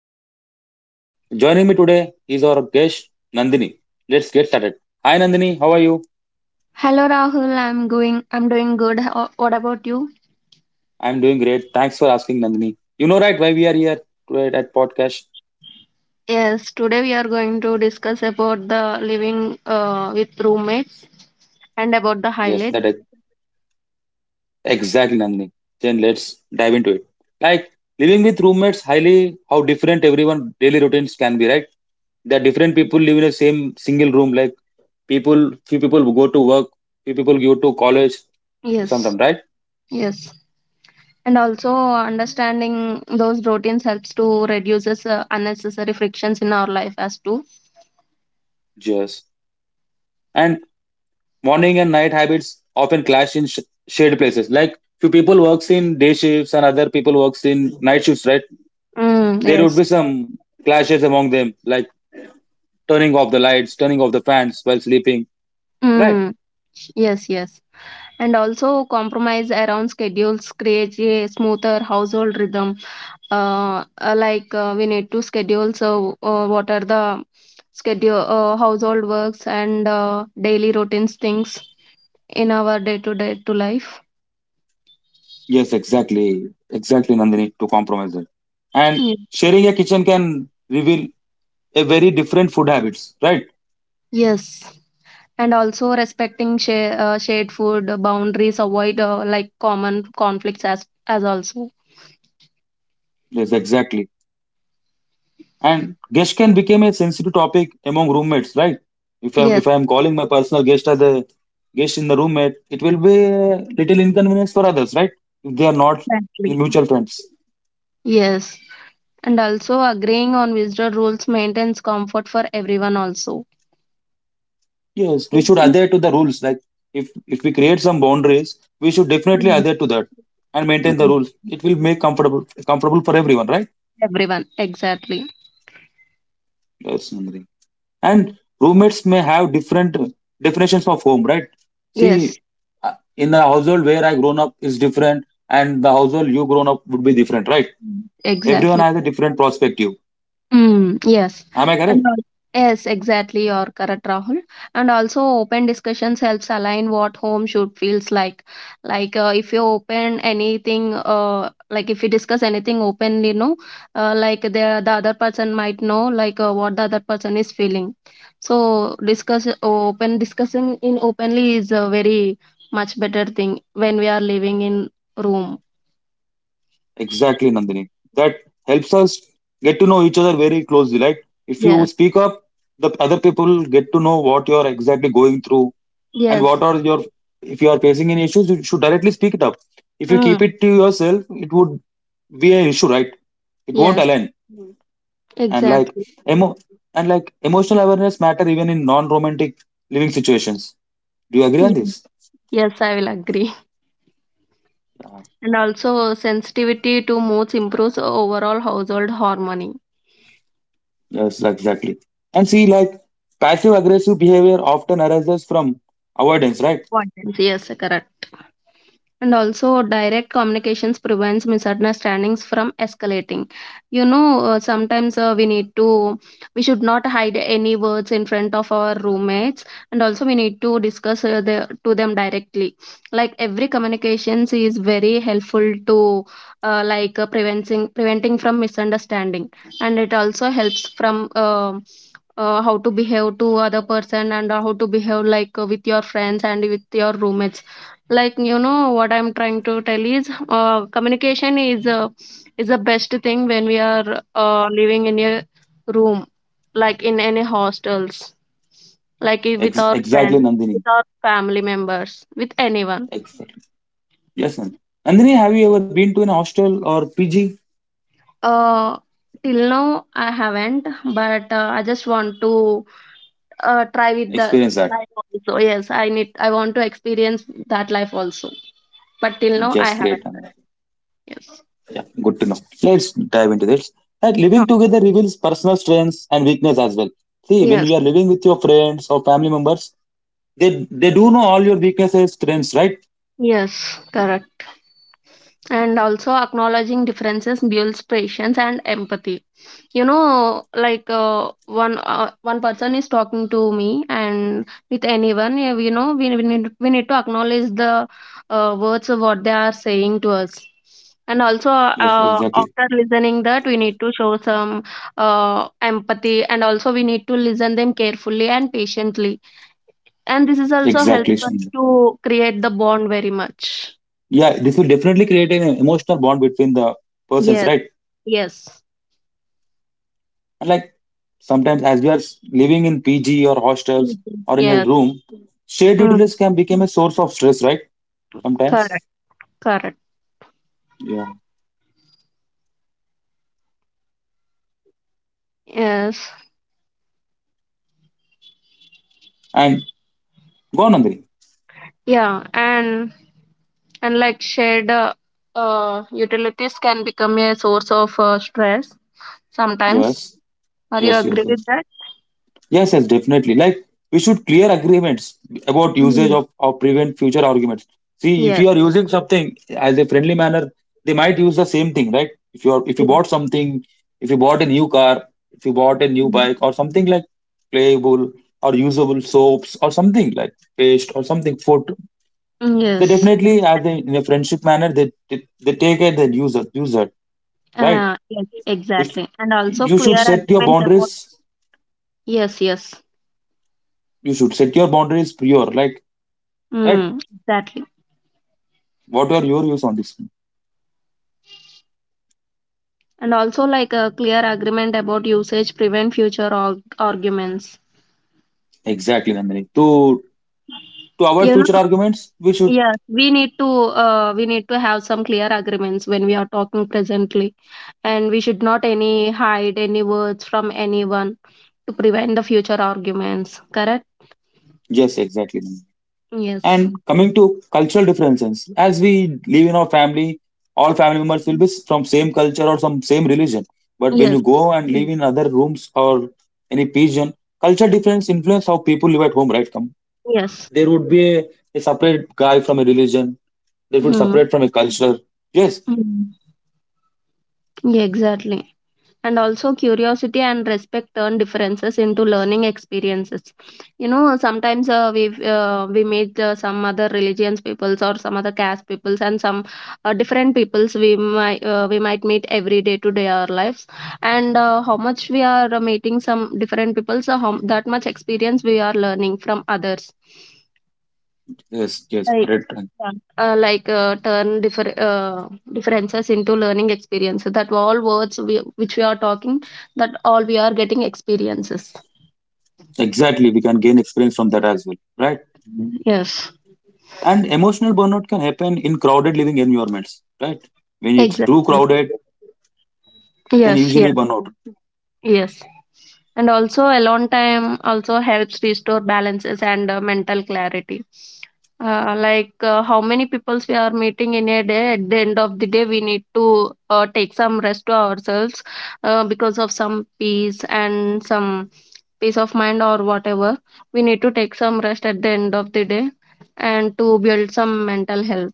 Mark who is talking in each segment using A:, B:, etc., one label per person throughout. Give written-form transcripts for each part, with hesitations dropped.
A: Living with roommates. Joining me today is our guest Nandini. Let's get started. Hi Nandini, how are you?
B: Hello Rahul, I'm doing good. What about you?
A: I'm doing great. Thanks for asking Nandini. You know right why we are here today at podcast?
B: Yes, today we are going to discuss about the living with roommates and about the
A: Yes,
B: highlights.
A: that ex- exactly Nandini. Then let's dive into it. Like living with roommates highly how different everyone daily routines can be, right? There are different people live in the same single room like people few people go to work, few people go to college
B: Yes,
A: sometimes, right?
B: yes. And also understanding those routines helps to reduces unnecessary frictions in our life as too.
A: Yes, and morning and night habits often clash in shared places, like few people works in day shifts and other people works in night shifts, right?
B: Mm,
A: There would
B: yes.
A: be some clashes among them, like turning off the lights, turning off the fans while sleeping, right?
B: Mm, yes, yes. And also compromise around schedules creates a smoother household rhythm like we need to schedule so what are the schedule household works and daily routines things in our day to day to life.
A: Yes, exactly Nandini, to compromise it. And
B: Ye-
A: sharing a kitchen can reveal a very different food habits, right?
B: yes, and also respecting shared food boundaries avoid like common conflicts as also.
A: Yes, exactly. And guest can become a sensitive topic among roommates, right? If I'm
B: Yes,
A: if I'm calling my personal guest as a guest in the roommate, it will be a little inconvenience for others, right? If they are not
B: exactly.
A: mutual friends.
B: Yes, and also agreeing on visual rules maintains comfort for everyone also.
A: Yes, we should
B: Everyone.
A: adhere to the rules. Like if we create some boundaries, we should definitely adhere to that and maintain the rules. It will make comfortable for everyone, right?
B: Everyone, exactly.
A: Yes, Nandini. And roommates may have different definitions of home, right?
B: Yes.
A: See, uh, in the household where I grown up is different, and the household you grown up would be different, right?
B: Mm,
A: Everyone
B: exactly.
A: has a different perspective.
B: Mm, yes.
A: Am I
B: And
A: correct?
B: al- yes, exactly. You're correct, Rahul. And also, open discussions helps align what home should feels like. Like if you open anything, like if you discuss anything openly, no, like the other person might know, like what the other person is feeling. So discussing in openly is a very much better thing when we are living in room.
A: Exactly Nandini, that helps us get to know each other very closely, right? If you
B: Yes.
A: speak up, the other people get to know what you're exactly going through, and
B: Yes.
A: what are your, if you are facing any issues you should directly speak it up. If you
B: Mm,
A: keep it to yourself it would be an issue, right? It won't
B: yes.
A: align. And like
B: Exactly.
A: emo emotional awareness matter even in non-romantic living situations. Do you agree
B: Yeah.
A: on this?
B: Yes, I will agree.
A: Yeah.
B: And also, sensitivity to moods improves overall household harmony.
A: Yes, exactly. And see, like passive aggressive behavior often arises from avoidance, right?
B: Important. Yes, correct. And also direct communications prevents misunderstandings from escalating. Sometimes we need to we should not hide any words in front of our roommates, and also we need to discuss to them directly. Like every communications is very helpful to like preventing from misunderstanding, and it also helps from how to behave to other person and how to behave like with your friends and with your roommates. Like you know what I'm trying to tell is communication is is the best thing when we are living in a room, like in any hostels, like with our
A: Exactly
B: friends, with
A: Nandini,
B: our family members, with anyone.
A: exactly, yes Nandini. Nandini, have you ever been to an hostel or PG
B: uh Till now I haven't, but I just want to try with the
A: experience that,
B: life also. Yes, I want to experience that life also, but till now I
A: just
B: haven't.
A: great Nandini.
B: Yes.
A: Yeah, good to know. Let's dive into this. Like living
B: Oh.
A: together reveals personal strengths and weakness as well. See, when
B: Yes.
A: you are living with your friends or family members, they do know all your weaknesses, strengths, right?
B: Yes, correct. And also acknowledging differences builds patience and empathy. One person is talking to me, and with anyone, yeah, we need to acknowledge the words of what they are saying to us. And also
A: Yes, exactly,
B: after listening that we need to show some empathy, and also we need to listen them carefully and patiently, and this is also
A: exactly
B: helpful
A: Shyam.
B: to create the bond very much.
A: Yeah, this will definitely create an emotional bond between the persons,
B: Yes.
A: right?
B: Yes.
A: And like sometimes as we are living in PG or hostels
B: Mhm.
A: or in a
B: Yes.
A: room, shared
B: Mm.
A: utilities can become a source of stress, right?
B: Correct.
A: Sometimes,
B: Correct.
A: yeah.
B: Yes.
A: And go on Andri.
B: Yeah. And like shared utilities can become a source of stress sometimes.
A: yes
B: Are you
A: yes yes
B: agree with
A: yes
B: that?
A: yes, definitely. Like we should clear agreements about usage
B: Mm.
A: of or prevent future arguments. See, if
B: Yes.
A: you are using something as a friendly manner, they might use the same thing, right? If you
B: Yes.
A: bought something, if you bought a new car, if you bought a new
B: Mm.
A: bike or something like playable or usable soaps or something like paste or something food, they
B: Yes.
A: definitely as a, in a friendship manner they take it and use it, right?
B: Yes.
A: If
B: Exactly. And also
A: you should
B: clear
A: set your
B: agreement
A: boundaries,
B: about. Yes. Yes.
A: you should set your boundaries prior, like, right?
B: Mm. Exactly.
A: What were your views on this?
B: And also, like, a clear agreement about usage prevent future arguments.
A: Exactly, Nandini. To avoid
B: You know.
A: future arguments, we should,
B: Yes, we need to have some clear agreements when we are talking presently, and we should not any hide any words from anyone to prevent the future arguments. Correct?
A: yes, exactly, Nandini.
B: Yes.
A: And coming to cultural differences, as we live in our family, all family members will be from same culture or some same religion. But when you
B: Yes.
A: go and live, hmm, in other rooms or any pigeon, culture difference influence how people live at home, right? Come,
B: Yes.
A: there would be a separate guy from a religion. They would
B: Hmm.
A: separate from a culture. Yes,
B: Hmm. Yeah, exactly. And also curiosity and respect turn differences into learning experiences. Sometimes we meet some other religions peoples or some other caste peoples, and some different peoples we might meet every day to day our lives, and how much we are meeting some different peoples, so how that much experience we are learning from others.
A: yes.
B: Like.
A: Correct.
B: Yeah. Like turn differences into learning experience. That all words we, which we are talking, that all we are getting experiences.
A: Exactly. We can gain experience from that as well, right?
B: Yes,
A: And emotional burnout can happen in crowded living environments, right? When it's too
B: exactly.
A: crowded, can
B: Yes,
A: usually
B: yes.
A: burn out.
B: Yes. And also, alone time also helps restore balances and mental clarity. Like how many peoples we are meeting in a day, at the end of the day, we need to take some rest to ourselves because of some peace and some peace of mind or whatever. We need to take some rest at the end of the day, and to build some mental health.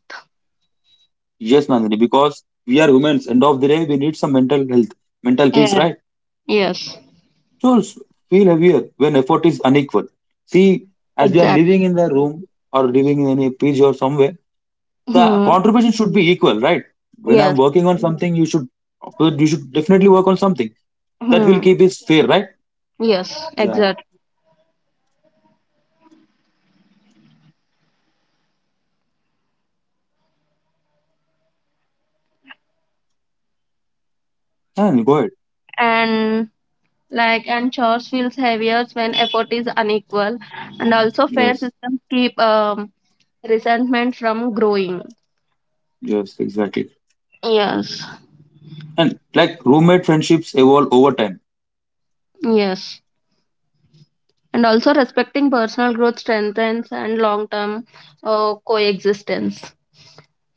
A: Yes, Nandini, because we are humans. End of the day, we need some mental health, mental peace,
B: Yeah.
A: right?
B: Yes,
A: So s- feel heavier when effort is unequal. See, as we are
B: exactly.
A: living in the room or living in any PG or somewhere, the
B: Hmm.
A: contribution should be equal, right? When I'm
B: Yes.
A: working on something, you should definitely work on something that will
B: Hmm.
A: keep it fair, right?
B: Yes,
A: Yeah.
B: exactly.
A: And go ahead.
B: and and chores feels heavier when effort is unequal, and also fair
A: Yes.
B: systems keep resentment from growing.
A: Yes. Exactly.
B: Yes.
A: And like roommate friendships evolve over time.
B: Yes. And also respecting personal growth strengthens and long term coexistence.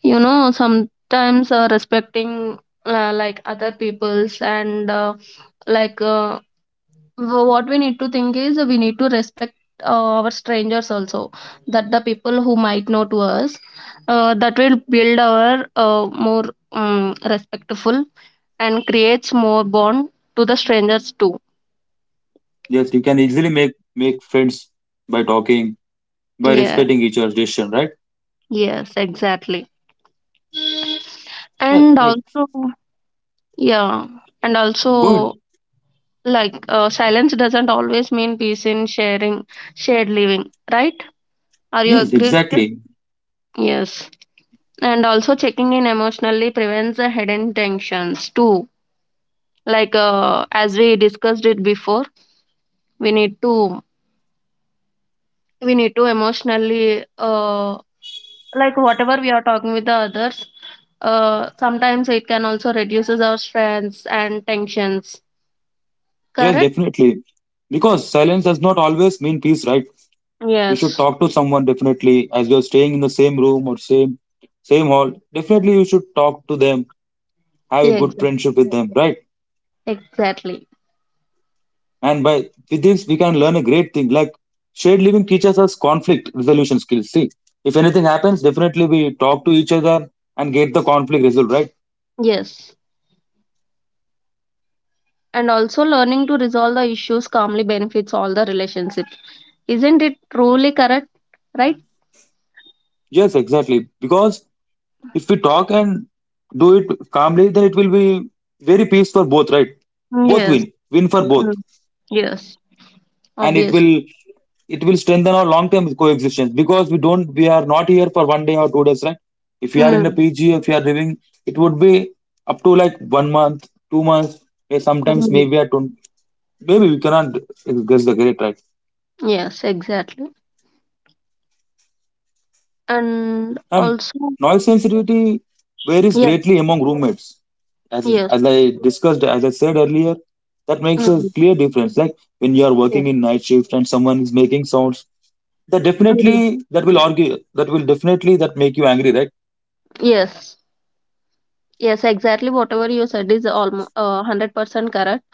B: Sometimes respecting like other people's, and like what we need to think is we need to respect uh, our strangers also, that the people who might know to us, that will build our more respectful, and creates more bond to the strangers too.
A: Yes, you can easily make friends by talking, by
B: Yeah.
A: respecting each other's decision, right?
B: Yes, exactly.
A: Yeah,
B: And
A: like
B: also, yeah, and
A: good.
B: also, like silence doesn't always mean peace in sharing shared living, right? Are you
A: Yes,
B: agree with it?
A: exactly.
B: Yes. And also checking in emotionally prevents the hidden tensions too. Like as we discussed it before, we need to we need to emotionally like whatever we are talking with the others, sometimes it can also reduces our stress and tensions.
A: Yes,
B: Correct?
A: definitely. Because silence does not always mean peace, right? You should
B: Yes.
A: talk to someone definitely as you're staying in the same room or same hall. Definitely you should talk to them, have a
B: Yeah,
A: good
B: exactly.
A: friendship with them, right?
B: Exactly.
A: And by with this we can learn a great thing. Like shared living teaches us conflict resolution skills. See, if anything happens, definitely we talk to each other and get the conflict resolved, right?
B: Yes. And also learning to resolve the issues calmly benefits all the relationships. Isn't it truly correct? Right?
A: Yes, exactly. Because if we talk and do it calmly, then it will be very peace for both, right? Both
B: Yes.
A: win. Win for both.
B: Mm. Yes.
A: And it
B: Obvious.
A: will it will strengthen our long term coexistence, because we are not here for one day or two days, right? If you are in a
B: Mm,
A: PG, if you are living, it would be up to like one month, two months, sometimes
B: mm.
A: maybe at don't, maybe we cannot, guess the great, right?
B: Yes, exactly. And
A: And
B: also,
A: noise sensitivity varies
B: yes,
A: greatly among roommates, as
B: yes,
A: as I discussed, as I said earlier, that makes a
B: mm,
A: clear difference. Like when you are
B: yes,
A: working in night shift and someone is making sounds, that definitely
B: mm,
A: that will argue that will definitely that make you angry, right?
B: yes, yes, exactly. Whatever you said is almost 100% correct.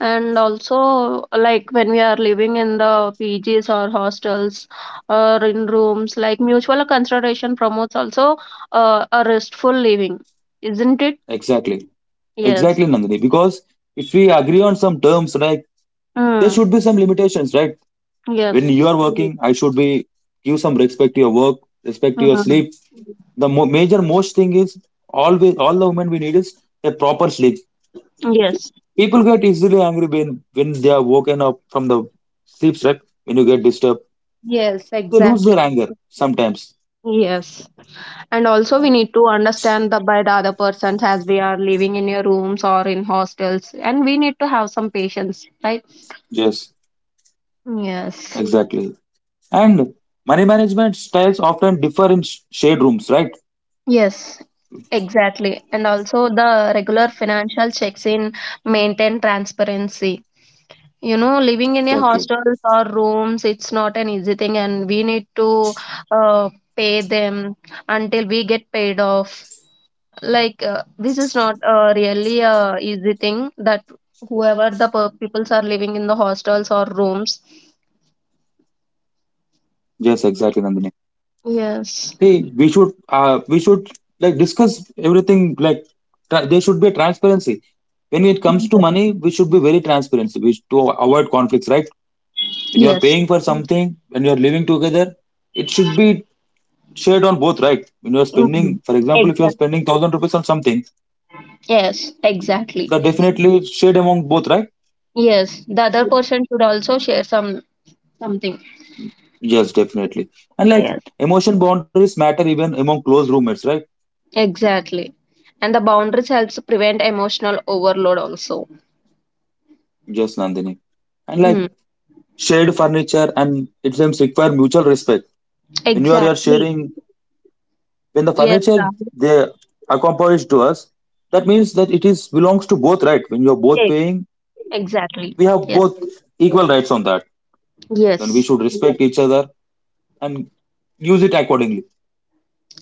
B: And also, like when we are living in the PGs or hostels or in rooms, like mutual consideration promotes also a restful living, isn't it?
A: Exactly, exactly
B: Yes,
A: Nandini. Because if we agree on some terms, like there
B: mm,
A: should be some limitations, right? When
B: yes,
A: you are working I should be give some respect to your work, respect to your
B: mm,
A: sleep. The major most thing is, always all the women we need is a proper sleep.
B: yes,
A: People get easily angry when they are woken up from the sleep, right? When you get disturbed,
B: yes,
A: they lose their
B: exactly.
A: anger sometimes.
B: Yes. And also
A: Uh,
B: we need to understand the by the other persons, as we are living in your rooms or in hostels, and we need to have some patience, right?
A: yes,
B: Yes,
A: exactly. And money management styles often differ in shade rooms, right?
B: yes, exactly. And also the regular financial checks in maintain transparency. Living in a
A: Exactly.
B: hostels or rooms, it's not an easy thing, and we need to uh, pay them until we get paid off. Like this is not really a easy thing, that whoever the peoples are living in the hostels or rooms.
A: Yes, exactly, Nandini.
B: Yes.
A: See, we should like discuss everything. Like there should be a transparency when it comes to
B: Mhm.
A: money. We should be very transparent. To avoid conflicts, right? When you are
B: Yes.
A: paying for, mm, something, when you are living together, it should be shared on both, right? When you are
B: Mhm.
A: spending, for example, if you
B: Exact.
A: are spending thousand rupees on something,
B: Yes, exactly.
A: that definitely shared among both, right?
B: Yes, the other person should also share some something.
A: Yes, definitely. And like
B: Yes,
A: emotion boundaries matter even among close roommates, right?
B: exactly. And the boundaries helps prevent emotional overload also.
A: Yes, Nandini. And
B: Mm.
A: like shared furniture and it seems require mutual respect. When you are
B: Exactly.
A: sharing, when the
B: Yes,
A: furniture
B: Rahul.
A: they accomplish to us, that means that it is belongs to both, right? When you are both
B: Ex-
A: paying,
B: exactly.
A: we have
B: Yes,
A: both equal rights on that. Then we
B: yes.
A: should, yes, respect each other and use it accordingly.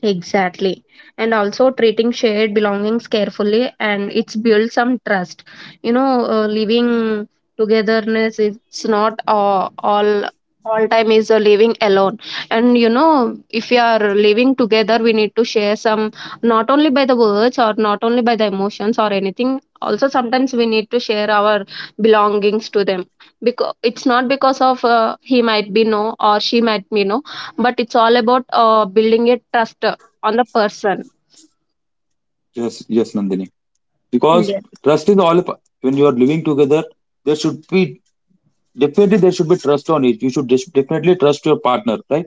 B: Exactly. And also treating shared belongings carefully, and it's built some trust. You know, living togetherness it's not all time is living alone. And you know, if we are living together, we need to share some, not only by the words or not only by the emotions or anything. Also, sometimes we need to share our belongings to them, because it's not because of he might be no or she might be no, but it's all about building a trust on the person.
A: Yes, yes, Nandini. Because
B: Yes,
A: trust is all. When you are living together, there should be, definitely, there should be trust on it. You should definitely trust your partner, right?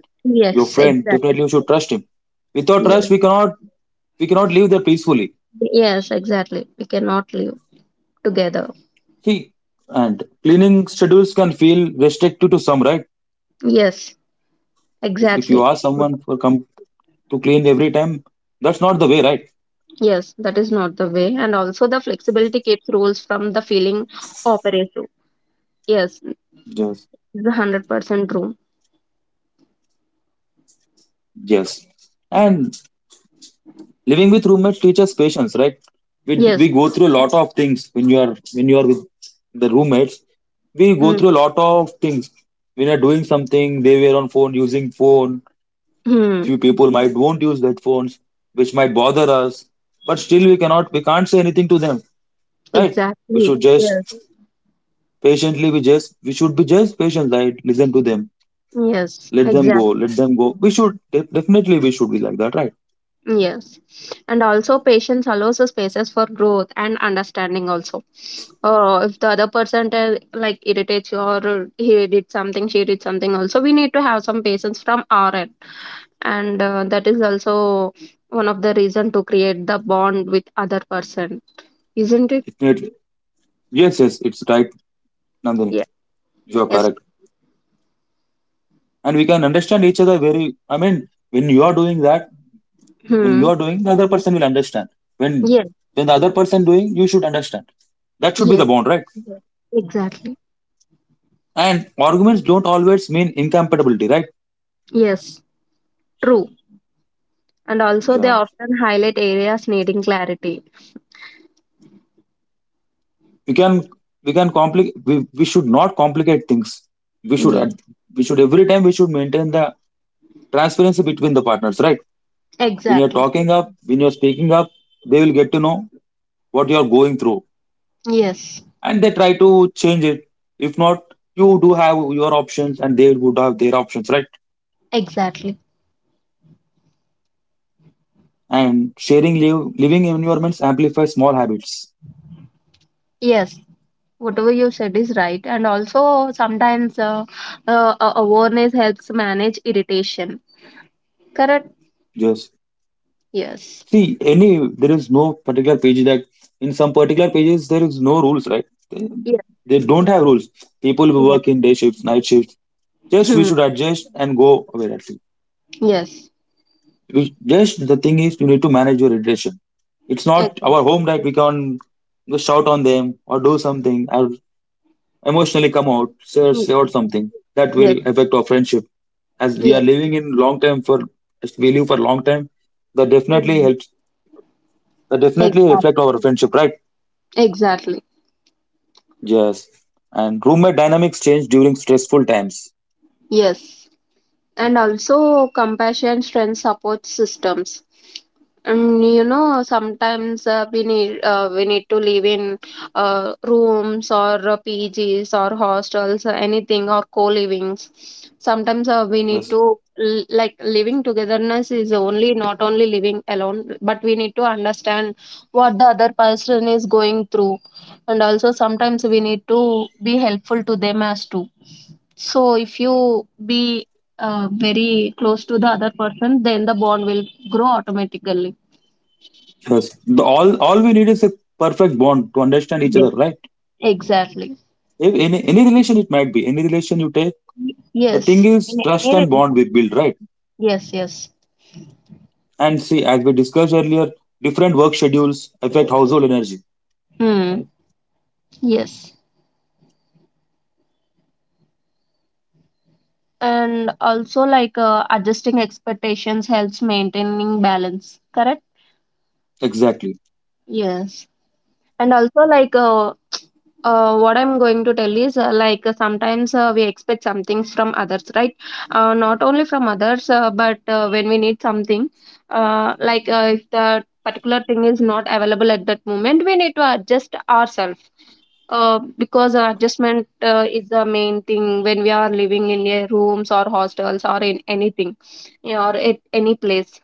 A: Your
B: yes,
A: friend.
B: exactly.
A: Definitely, you should trust him. Without
B: Yes,
A: trust, we cannot live there peacefully.
B: yes, exactly. We cannot live together.
A: See, and cleaning schedules can feel restrictive to some, right?
B: Yes,
A: If
B: exactly.
A: you ask someone for come to clean every time, that's not the way, right?
B: Yes, that is not the way. And also, the flexibility keeps rules from the feeling operative. Yes,
A: Yes.
B: it's a 100% true.
A: Yes. And living with roommates teaches patience, right? We
B: Yes,
A: we go through a lot of things when you are with the roommates. We go through a lot of things. When you're doing something, they were on phone using phone.
B: mm-hmm.
A: Few people might won't use that phones, which might bother us. But still, we can't say anything to them, right? We
B: Exactly.
A: should
B: Yes,
A: just patiently, we should be just patient, right? Listen to them,
B: yes, exactly.
A: let them go. We should definitely we should be like that, right?
B: Yes, and also patience allows the spaces for growth and understanding. Also, if the other person like irritates you, or he did something, she did something, also we need to have some patience from our end, and that is also one of the reason to create the bond with other person, isn't it?
A: Definitely, yes, yes, it's right, Nandini.
B: Yeah.
A: You are
B: Yes.
A: correct. And we can understand each other very, I mean, when you are doing
B: Hmm.
A: the other person will understand. when
B: Yes.
A: when the other person doing you should understand. That should be
B: Yes.
A: the bond, right?
B: Exactly.
A: And arguments don't always mean incompatibility, right?
B: Yes. True. And also, they
A: Yeah,
B: often highlight areas needing clarity.
A: we can we should not complicate things. we should
B: Yes.
A: ad- we should every time we should maintain the transparency between the partners, right?
B: Exactly.
A: When you're speaking up, they will get to know what you're going through,
B: Yes.
A: and they try to change it. If not, you do have your options and they would have their options, right?
B: Exactly.
A: And sharing living environments amplify small habits.
B: Yes, whatever you said is right. And also, sometimes awareness helps manage irritation. Correct?
A: Just
B: Yes.
A: see, any there is no particular page that, in some particular pages there is no rules, right? They,
B: Yes.
A: they don't have rules. People who
B: Yes.
A: work in day shifts, night shifts. Just we
B: Hmm.
A: should adjust and go away. That's it.
B: Yes.
A: Just the thing is, you need to manage your irritation. It's not
B: Exactly.
A: our home that we can just shout on them or do something, or emotionally come out, say out something that will
B: Yes.
A: affect our friendship. As we are
B: Yes.
A: living in long time for, as we live for long time, that definitely
B: Mhm.
A: helps. That definitely
B: Exact-
A: reflect our friendship, right?
B: Exactly.
A: Yes. And roommate dynamics change during stressful times.
B: Yes. And also compassion strength support systems. And you know sometimes we need to live in rooms or pgs or hostels or anything or co-livings. Sometimes we need
A: Yes.
B: to like living togetherness is only not only living alone, but we need to understand what the other person is going through. And also sometimes we need to be helpful to them as too. So if you be very close to the other person, then the bond will grow automatically.
A: Yes. The, all we need is a perfect bond to understand each
B: Yes.
A: other, right?
B: Exactly.
A: If any relation it might be, any relation you take, the thing
B: Yes.
A: is
B: In.
A: trust and bond we build, right?
B: Yes. Yes.
A: And see, as we discussed earlier, different work schedules affect household energy.
B: Hmm.
A: Right.
B: Yes. And also, like adjusting expectations helps maintaining balance. Correct.
A: Exactly.
B: Yes. And also, like what I'm going to tell is like sometimes we expect some things from others, right? Not only from others, but when we need something, if the particular thing is not available at that moment, we need to adjust ourselves because adjustment is the main thing when we are living in a rooms or hostels or in anything or at any place.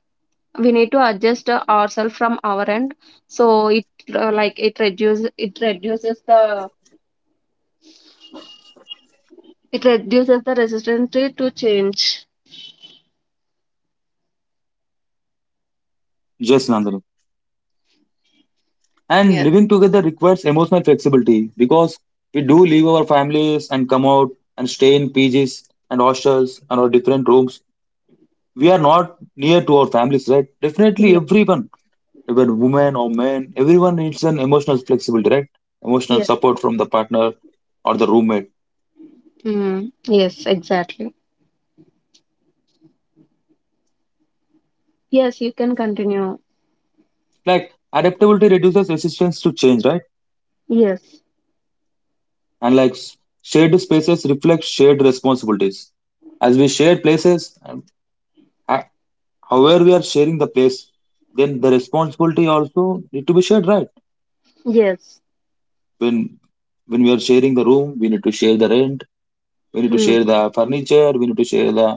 B: We need to adjust ourselves from our end, so it reduces the it reduces the resistance to change.
A: Yes, Nandini. And
B: Yes.
A: living together requires emotional flexibility because we do leave our families and come out and stay in PGs and hostels and our different rooms. We are not near to our families, right? Definitely,
B: Yes.
A: everyone, even women or men, everyone needs an emotional flexibility, right? Emotional
B: Yes.
A: support from the partner or the roommate.
B: Mm. Yes, exactly. Yes, you can continue.
A: Like adaptability reduces resistance to change, right?
B: Yes.
A: And like shared spaces reflect shared responsibilities. As we share places, however we are sharing the place, then the responsibility also need to be shared, right?
B: Yes.
A: When when we are sharing the room, we need to share the rent, we need to
B: Mm.
A: share the furniture, we need to share the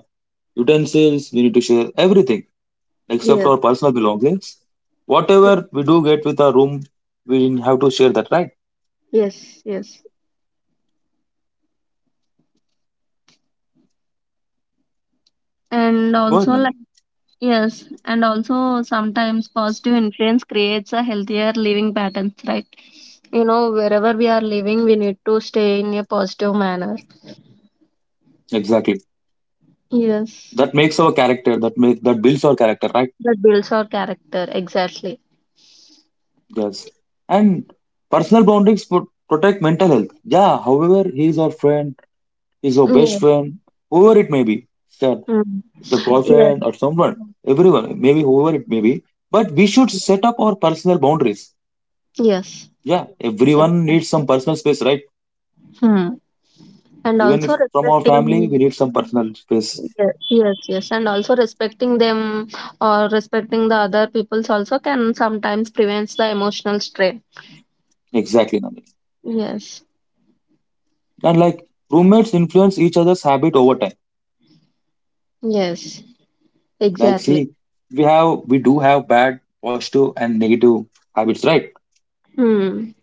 A: utensils, we need to share everything except
B: Yes.
A: our personal belongings. Whatever we do get with our room, we have to share that, right?
B: Yes. Yes. And
A: Go ahead,
B: also,
A: Nandini.
B: like, yes. And also, sometimes positive influence creates a healthier living patterns, right? You know, wherever we are living, we need to stay in a positive manner.
A: Exactly,
B: Yes.
A: that makes our character, that builds our character, right?
B: That builds our character. Exactly.
A: Yes, and personal boundaries protect mental health. Yeah, however he is our friend, is your best
B: Yes.
A: friend, whoever it may be. Sir,
B: Mm.
A: it's a
B: Yes.
A: boyfriend or someone, everyone, maybe whoever it may be. But we should set up our personal boundaries.
B: Yes.
A: Yeah, everyone needs some
B: Exactly.
A: personal space, right?
B: Hmm. And
A: Even if
B: also
A: from our family,
B: respecting,
A: we need some personal space.
B: yes, yes, yes, and also respecting them, or respecting the other people's also can sometimes prevents the emotional strain.
A: Exactly, Nandini.
B: Yes,
A: And like roommates influence each other's habit over time.
B: yes,
A: Like,
B: exactly.
A: see, we have, we do have bad, positive, and negative habits, right?
B: Hmm.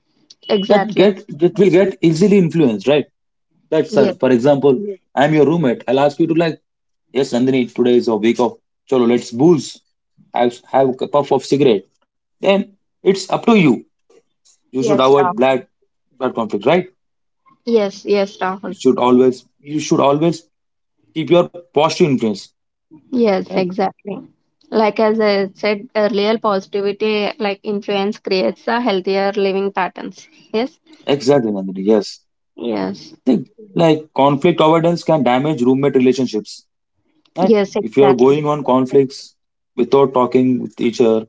A: That
B: Exactly.
A: get that will get easily influenced, right? That, sir,
B: Yes,
A: for example, I'm your roommate. I'll ask you to like, yes, Nandini, today is a week of cholo, let's booze. Have a puff of cigarette. Then it's up to you. You should
B: yes,
A: avoid
B: Rahul.
A: blood conflict, right?
B: Yes, yes,
A: You
B: Rahul.
A: should always you should always keep your positive influence,
B: Yes,
A: right?
B: exactly. Like, as I said earlier, positivity like influence creates a healthier living patterns. Yes,
A: Exactly, Nandini. Yes.
B: yes,
A: Think like conflict avoidance can damage roommate relationships, right?
B: yes,
A: If you are
B: exactly.
A: going on conflicts without talking with each other,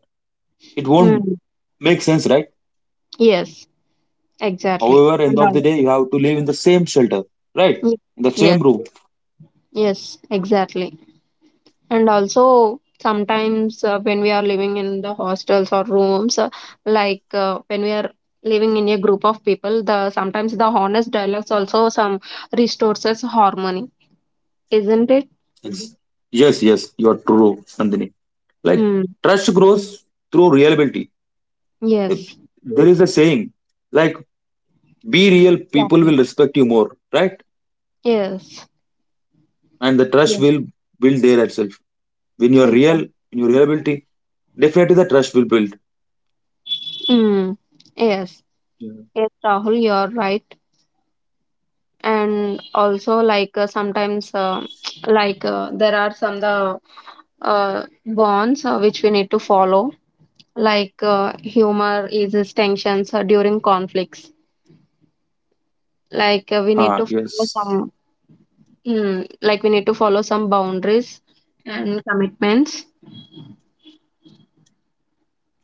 A: it won't
B: Hmm.
A: make sense, right?
B: Yes, exactly.
A: However, end of the
B: And
A: day, you have to live in the same shelter, right?
B: ye-
A: In the same
B: yes,
A: room.
B: yes, exactly. And also, sometimes when we are living in the hostels or rooms, when we are living in a group of people, the sometimes the honest dialogues also some restores us harmony, isn't it?
A: Yes, yes, yes, you are true, Nandini. Like
B: Mm.
A: trust grows through reliability. If
B: Yes,
A: there is a saying, like be real, people
B: exactly.
A: will respect you more, right?
B: Yes,
A: And the trust
B: yes,
A: will build there itself. When you are real,
B: exactly.
A: in your reliability, definitely the trust will build.
B: Mm. Yes,
A: Yeah.
B: yes, Rahul, you're right. And also, sometimes there are some the bonds which we need to follow, humor eases tensions during conflicts, we need
A: Ah,
B: to follow some,
A: yes.
B: like we need to follow some boundaries and commitments.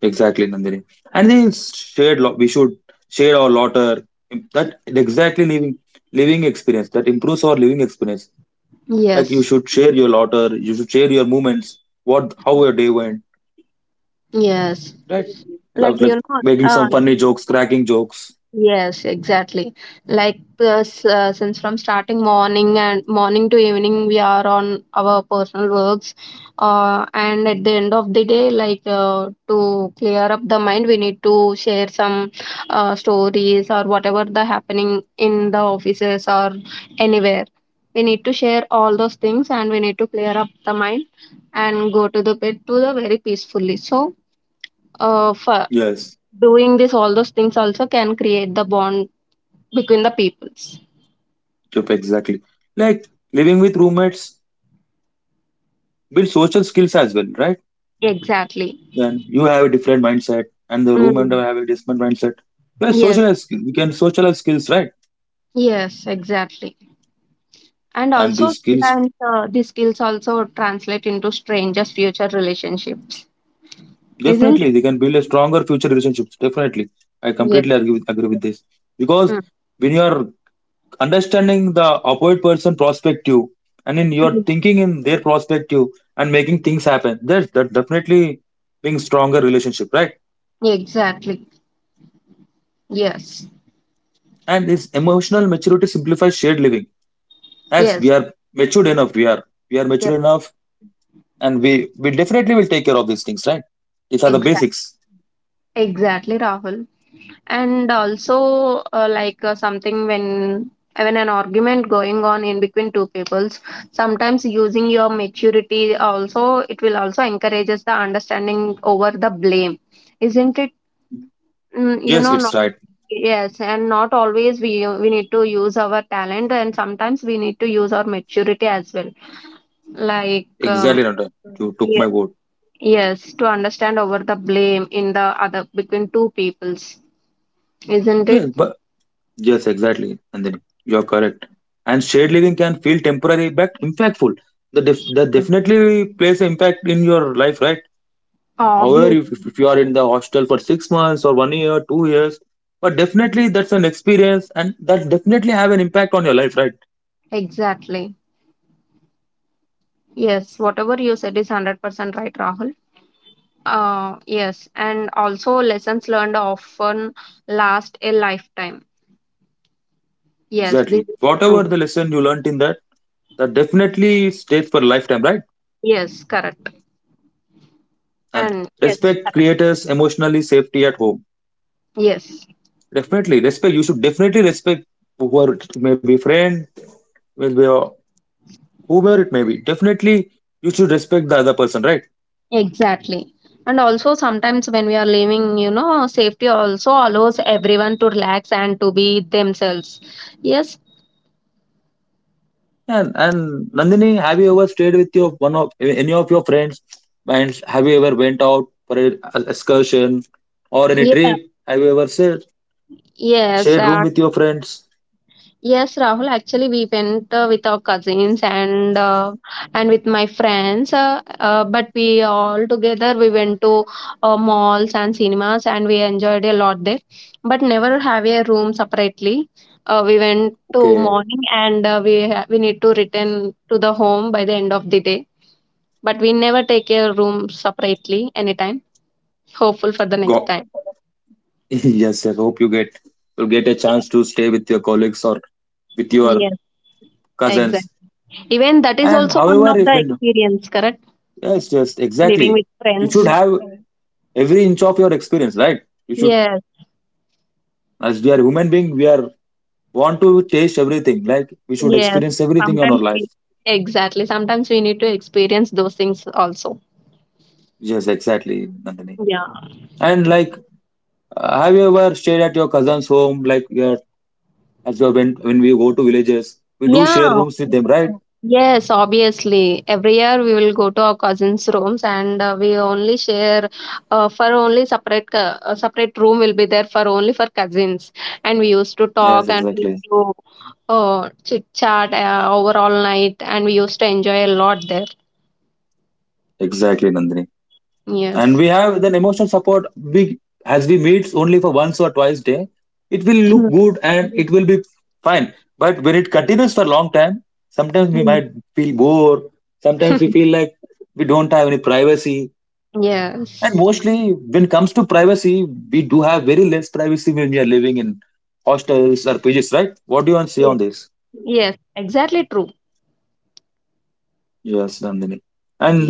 A: Exactly, Nandini. And they shared. We should share our laughter. That exactly living experience, that improves our living experience. Like you
B: Yes,
A: should share your laughter. You should share your moments. What how your day went.
B: yes,
A: Right.
B: like you
A: Like
B: know
A: making
B: uh,
A: some funny jokes, cracking jokes.
B: yes, exactly. Like plus, since from starting morning and morning to evening, we are on our personal works, and at the end of the day, to clear up the mind, we need to share some stories or whatever the happening in the offices or anywhere. We need to share all those things, and we need to clear up the mind and go to the bed to the very peacefully. So, for
A: Yes.
B: doing this all those things also can create the bond between the peoples.
A: Chup, exactly. Like living with roommates build social skills as well. Right.
B: Exactly.
A: Then you have a different mindset, and the roommate
B: Mm.
A: have a different mindset. You have
B: Yes.
A: social skills. You can socialize skills. Right.
B: Yes. Exactly. And
A: And
B: also,
A: these skills
B: sometimes these skills also translate into strangers' future relationships, isn't it?
A: definitely, they can build a stronger future relationships. Definitely, I
B: Yes.
A: completely agree with this, because
B: Mm.
A: when you are understanding the opposite person perspective, and then you are
B: Mm.
A: thinking in their perspective and making things happen, that definitely brings stronger relationship, right?
B: Exactly. Yes.
A: And this emotional maturity simplifies shared living, as
B: Yes.
A: we are matured enough. We are
B: Yes.
A: mature enough, and we definitely will take care of these things, right? These are the
B: Exactly.
A: basics.
B: Exactly, Rahul. And also something when an argument going on in between two peoples, sometimes using your maturity also it will also encourages the understanding over the blame, isn't it? You
A: Yes,
B: know,
A: it's
B: not
A: right.
B: yes, and not always we need to use our talent, and sometimes we need to use our maturity as well, like. um,
A: Exactly, Nanda. You took my
B: yes,
A: word.
B: yes, to understand over the blame in the other between two peoples, isn't it?
A: Yes, but. Yes, exactly. And then you're correct. And shared living can feel temporary but impactful. That
B: Yeah.
A: definitely plays an impact in your life, right? However,
B: Obvious.
A: if you are in the hostel for 6 months or one year, 2 years, but definitely that's an experience, and that definitely have an impact on your life, right?
B: Exactly. Yes, whatever you said is 100% right, Rahul. Yes, and also lessons learned often last a lifetime. Yes, this
A: Exactly.
B: is true.
A: Whatever the lesson you learnt in that, that definitely stays for lifetime, right?
B: Yes, correct.
A: And
B: And yes,
A: respect
B: correct.
A: creators emotionally safety at home.
B: Yes,
A: Definitely respect. You should definitely respect whoever it may be friend, will be whoever it may be. Definitely you should respect the other person, right?
B: exactly. And also, sometimes when we are living, you know, safety also allows everyone to relax and to be themselves. Yes,
A: And Nandini, have you ever stayed with your one of any of your friends? And have you ever went out for an excursion or any
B: yeah,
A: trip? Have you ever said
B: yes.
A: shared room with your friends?
B: Yes, Rahul. Actually, we went with our cousins and with my friends. But we all together we went to malls and cinemas, and we enjoyed a lot there. But never have a room separately. We went to
A: Okay,
B: morning and we need to return to the home by the end of the day. But we never take a room separately anytime. Hopeful for the next
A: go.
B: time.
A: Yes, yes. Hope you get will get a
B: Yeah.
A: chance to stay with your colleagues or with your
B: Yes,
A: cousins.
B: exactly. Even that is
A: And
B: also one of
A: however, if
B: the
A: when
B: experience, correct?
A: yes, yes,
B: Living
A: exactly.
B: with
A: You should
B: friends.
A: have correct every inch of your experience, right? You should,
B: Yes,
A: as we are human being, we are want to taste everything. Like we should
B: yes.
A: experience everything on our
B: Sometimes we
A: life.
B: exactly. Sometimes we need to experience those things also.
A: Yes, exactly, Nandini.
B: Yeah.
A: And like, have you ever stayed at your cousin's home? Like, we are, as we went when we go to villages, we do share
B: Yeah.
A: rooms with them, right?
B: Yes, obviously. Every year we will go to our cousins' rooms, and we only share for only separate room will be there for only for cousins. And we used to
A: Yes,
B: talk and we used to chit chat over all night, and we used to enjoy a lot there.
A: exactly, Nandini. And
B: Yes.
A: we have then emotional support. We, as we meet only for once or twice day, it will look good and it will be fine. But when it continues for a long time, sometimes we
B: Mhm.
A: might feel bored, sometimes we feel like we don't have any privacy. And
B: Yes.
A: mostly when it comes to privacy, we do have very less privacy when we are living in hostels or PGs, right? What do you want to say on
B: Yes.
A: this?
B: Yes. Exactly true.
A: Yes, Nandini. And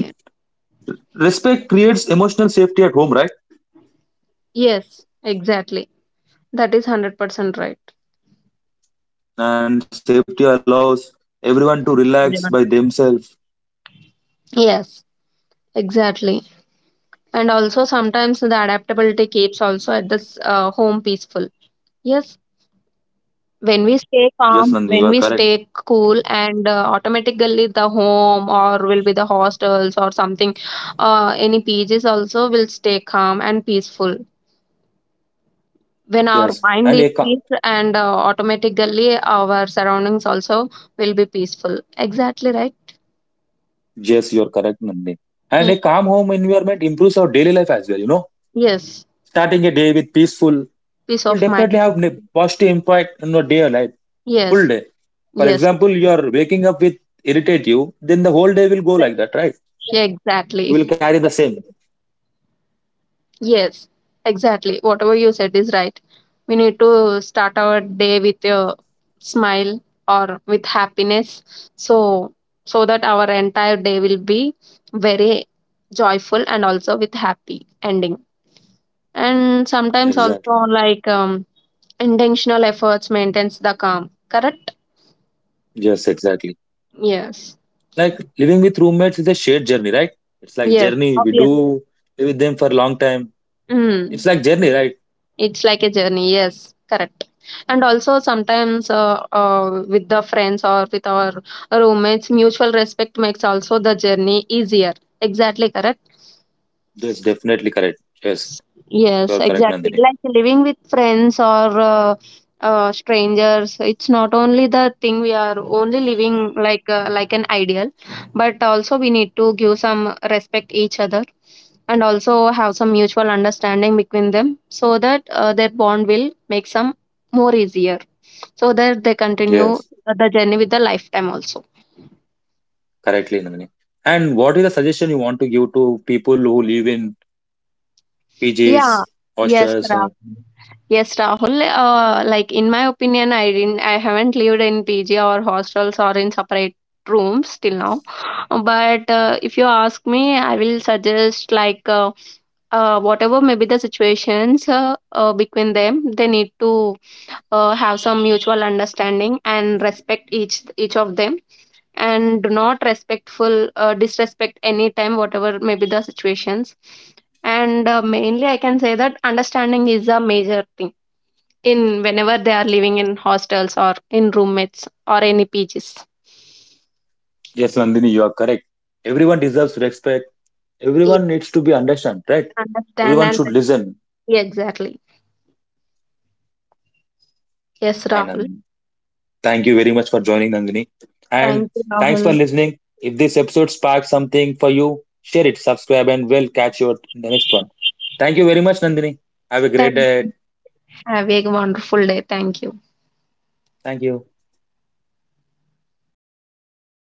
A: respect creates emotional safety at home, right?
B: Yes, exactly. That is 100% right.
A: And safety allows everyone to relax by
B: Never.
A: themselves.
B: Yes, exactly. And also sometimes the adaptability keeps also at this home peaceful. Yes, when we
A: Yes,
B: stay
A: Nandini, you are
B: calm,
A: correct.
B: when we stay cool, and automatically the home or will be the hostels or something, any PGs also will stay calm and peaceful. When our
A: Yes,
B: mind
A: and
B: is
A: a ca-
B: peace and automatically our surroundings also will be peaceful. Exactly right.
A: yes, you are correct, Nandini. And
B: Yeah.
A: a calm home environment improves our daily life as well. You know,
B: Yes.
A: starting a day with peaceful
B: Peace
A: will
B: of mind.
A: definitely have positive impact on your day life, full
B: Yes,
A: day. For
B: yes,
A: example, you are waking up with irritate you, then the whole day will go like that, right?
B: yeah,
A: You
B: exactly.
A: will carry the same.
B: Yes, exactly. Whatever you said is right. We need to start our day with a smile or with happiness, so so that our entire day will be very joyful and also with happy ending. And sometimes also
A: Exactly.
B: like, intentional efforts maintains the calm. Correct?
A: Yes, exactly.
B: Yes.
A: Like living with roommates is a shared journey, right? It's like
B: Yes.
A: journey we
B: Obvious.
A: do live with them for a long time. It's
B: Mm.
A: like journey, right?
B: It's like a journey. Yes, correct. And also sometimes with the friends or with our roommates, mutual respect makes also the journey easier. Exactly correct.
A: That's definitely correct. Yes, you
B: Yes,
A: are correct,
B: exactly.
A: Nandini.
B: Like living with friends or uh, strangers, it's not only the thing we are only living like an ideal, but also we need to give some respect each other and also have some mutual understanding between them, so that their bond will make some more easier so that they continue
A: Yes,
B: the journey with the lifetime also.
A: correctly, Nandini. And what is the suggestion you want to give to people who live in
B: Yeah.
A: PJs,
B: Yes,
A: hostels?
B: Raf.
A: Or...
B: Yes, Rahul. Like in my opinion, I haven't lived in PG or hostels or in separate rooms till now. But if you ask me, I will suggest whatever may be the situations between them, they need to have some mutual understanding and respect each of them, and do not respectful disrespect any time whatever may be the situations, and mainly I can say that understanding is a major thing in whenever they are living in hostels or in roommates or any PGs.
A: Yes, Nandini, you are correct. Everyone deserves respect.
B: Yeah,
A: Everyone needs to be understood, right?
B: understand,
A: Everyone
B: and
A: should listen.
B: yeah, exactly. Yes,
A: And
B: Rahul.
A: thank you very much for joining, Nandini. And
B: Thank you,
A: thanks for
B: Rahul.
A: listening. If this episode sparked something for you, share it, subscribe, and we'll catch you at the next one. Thank you very much, Nandini. Have a
B: Thank
A: great day.
B: you. Have a wonderful day. Thank you.
A: Thank you.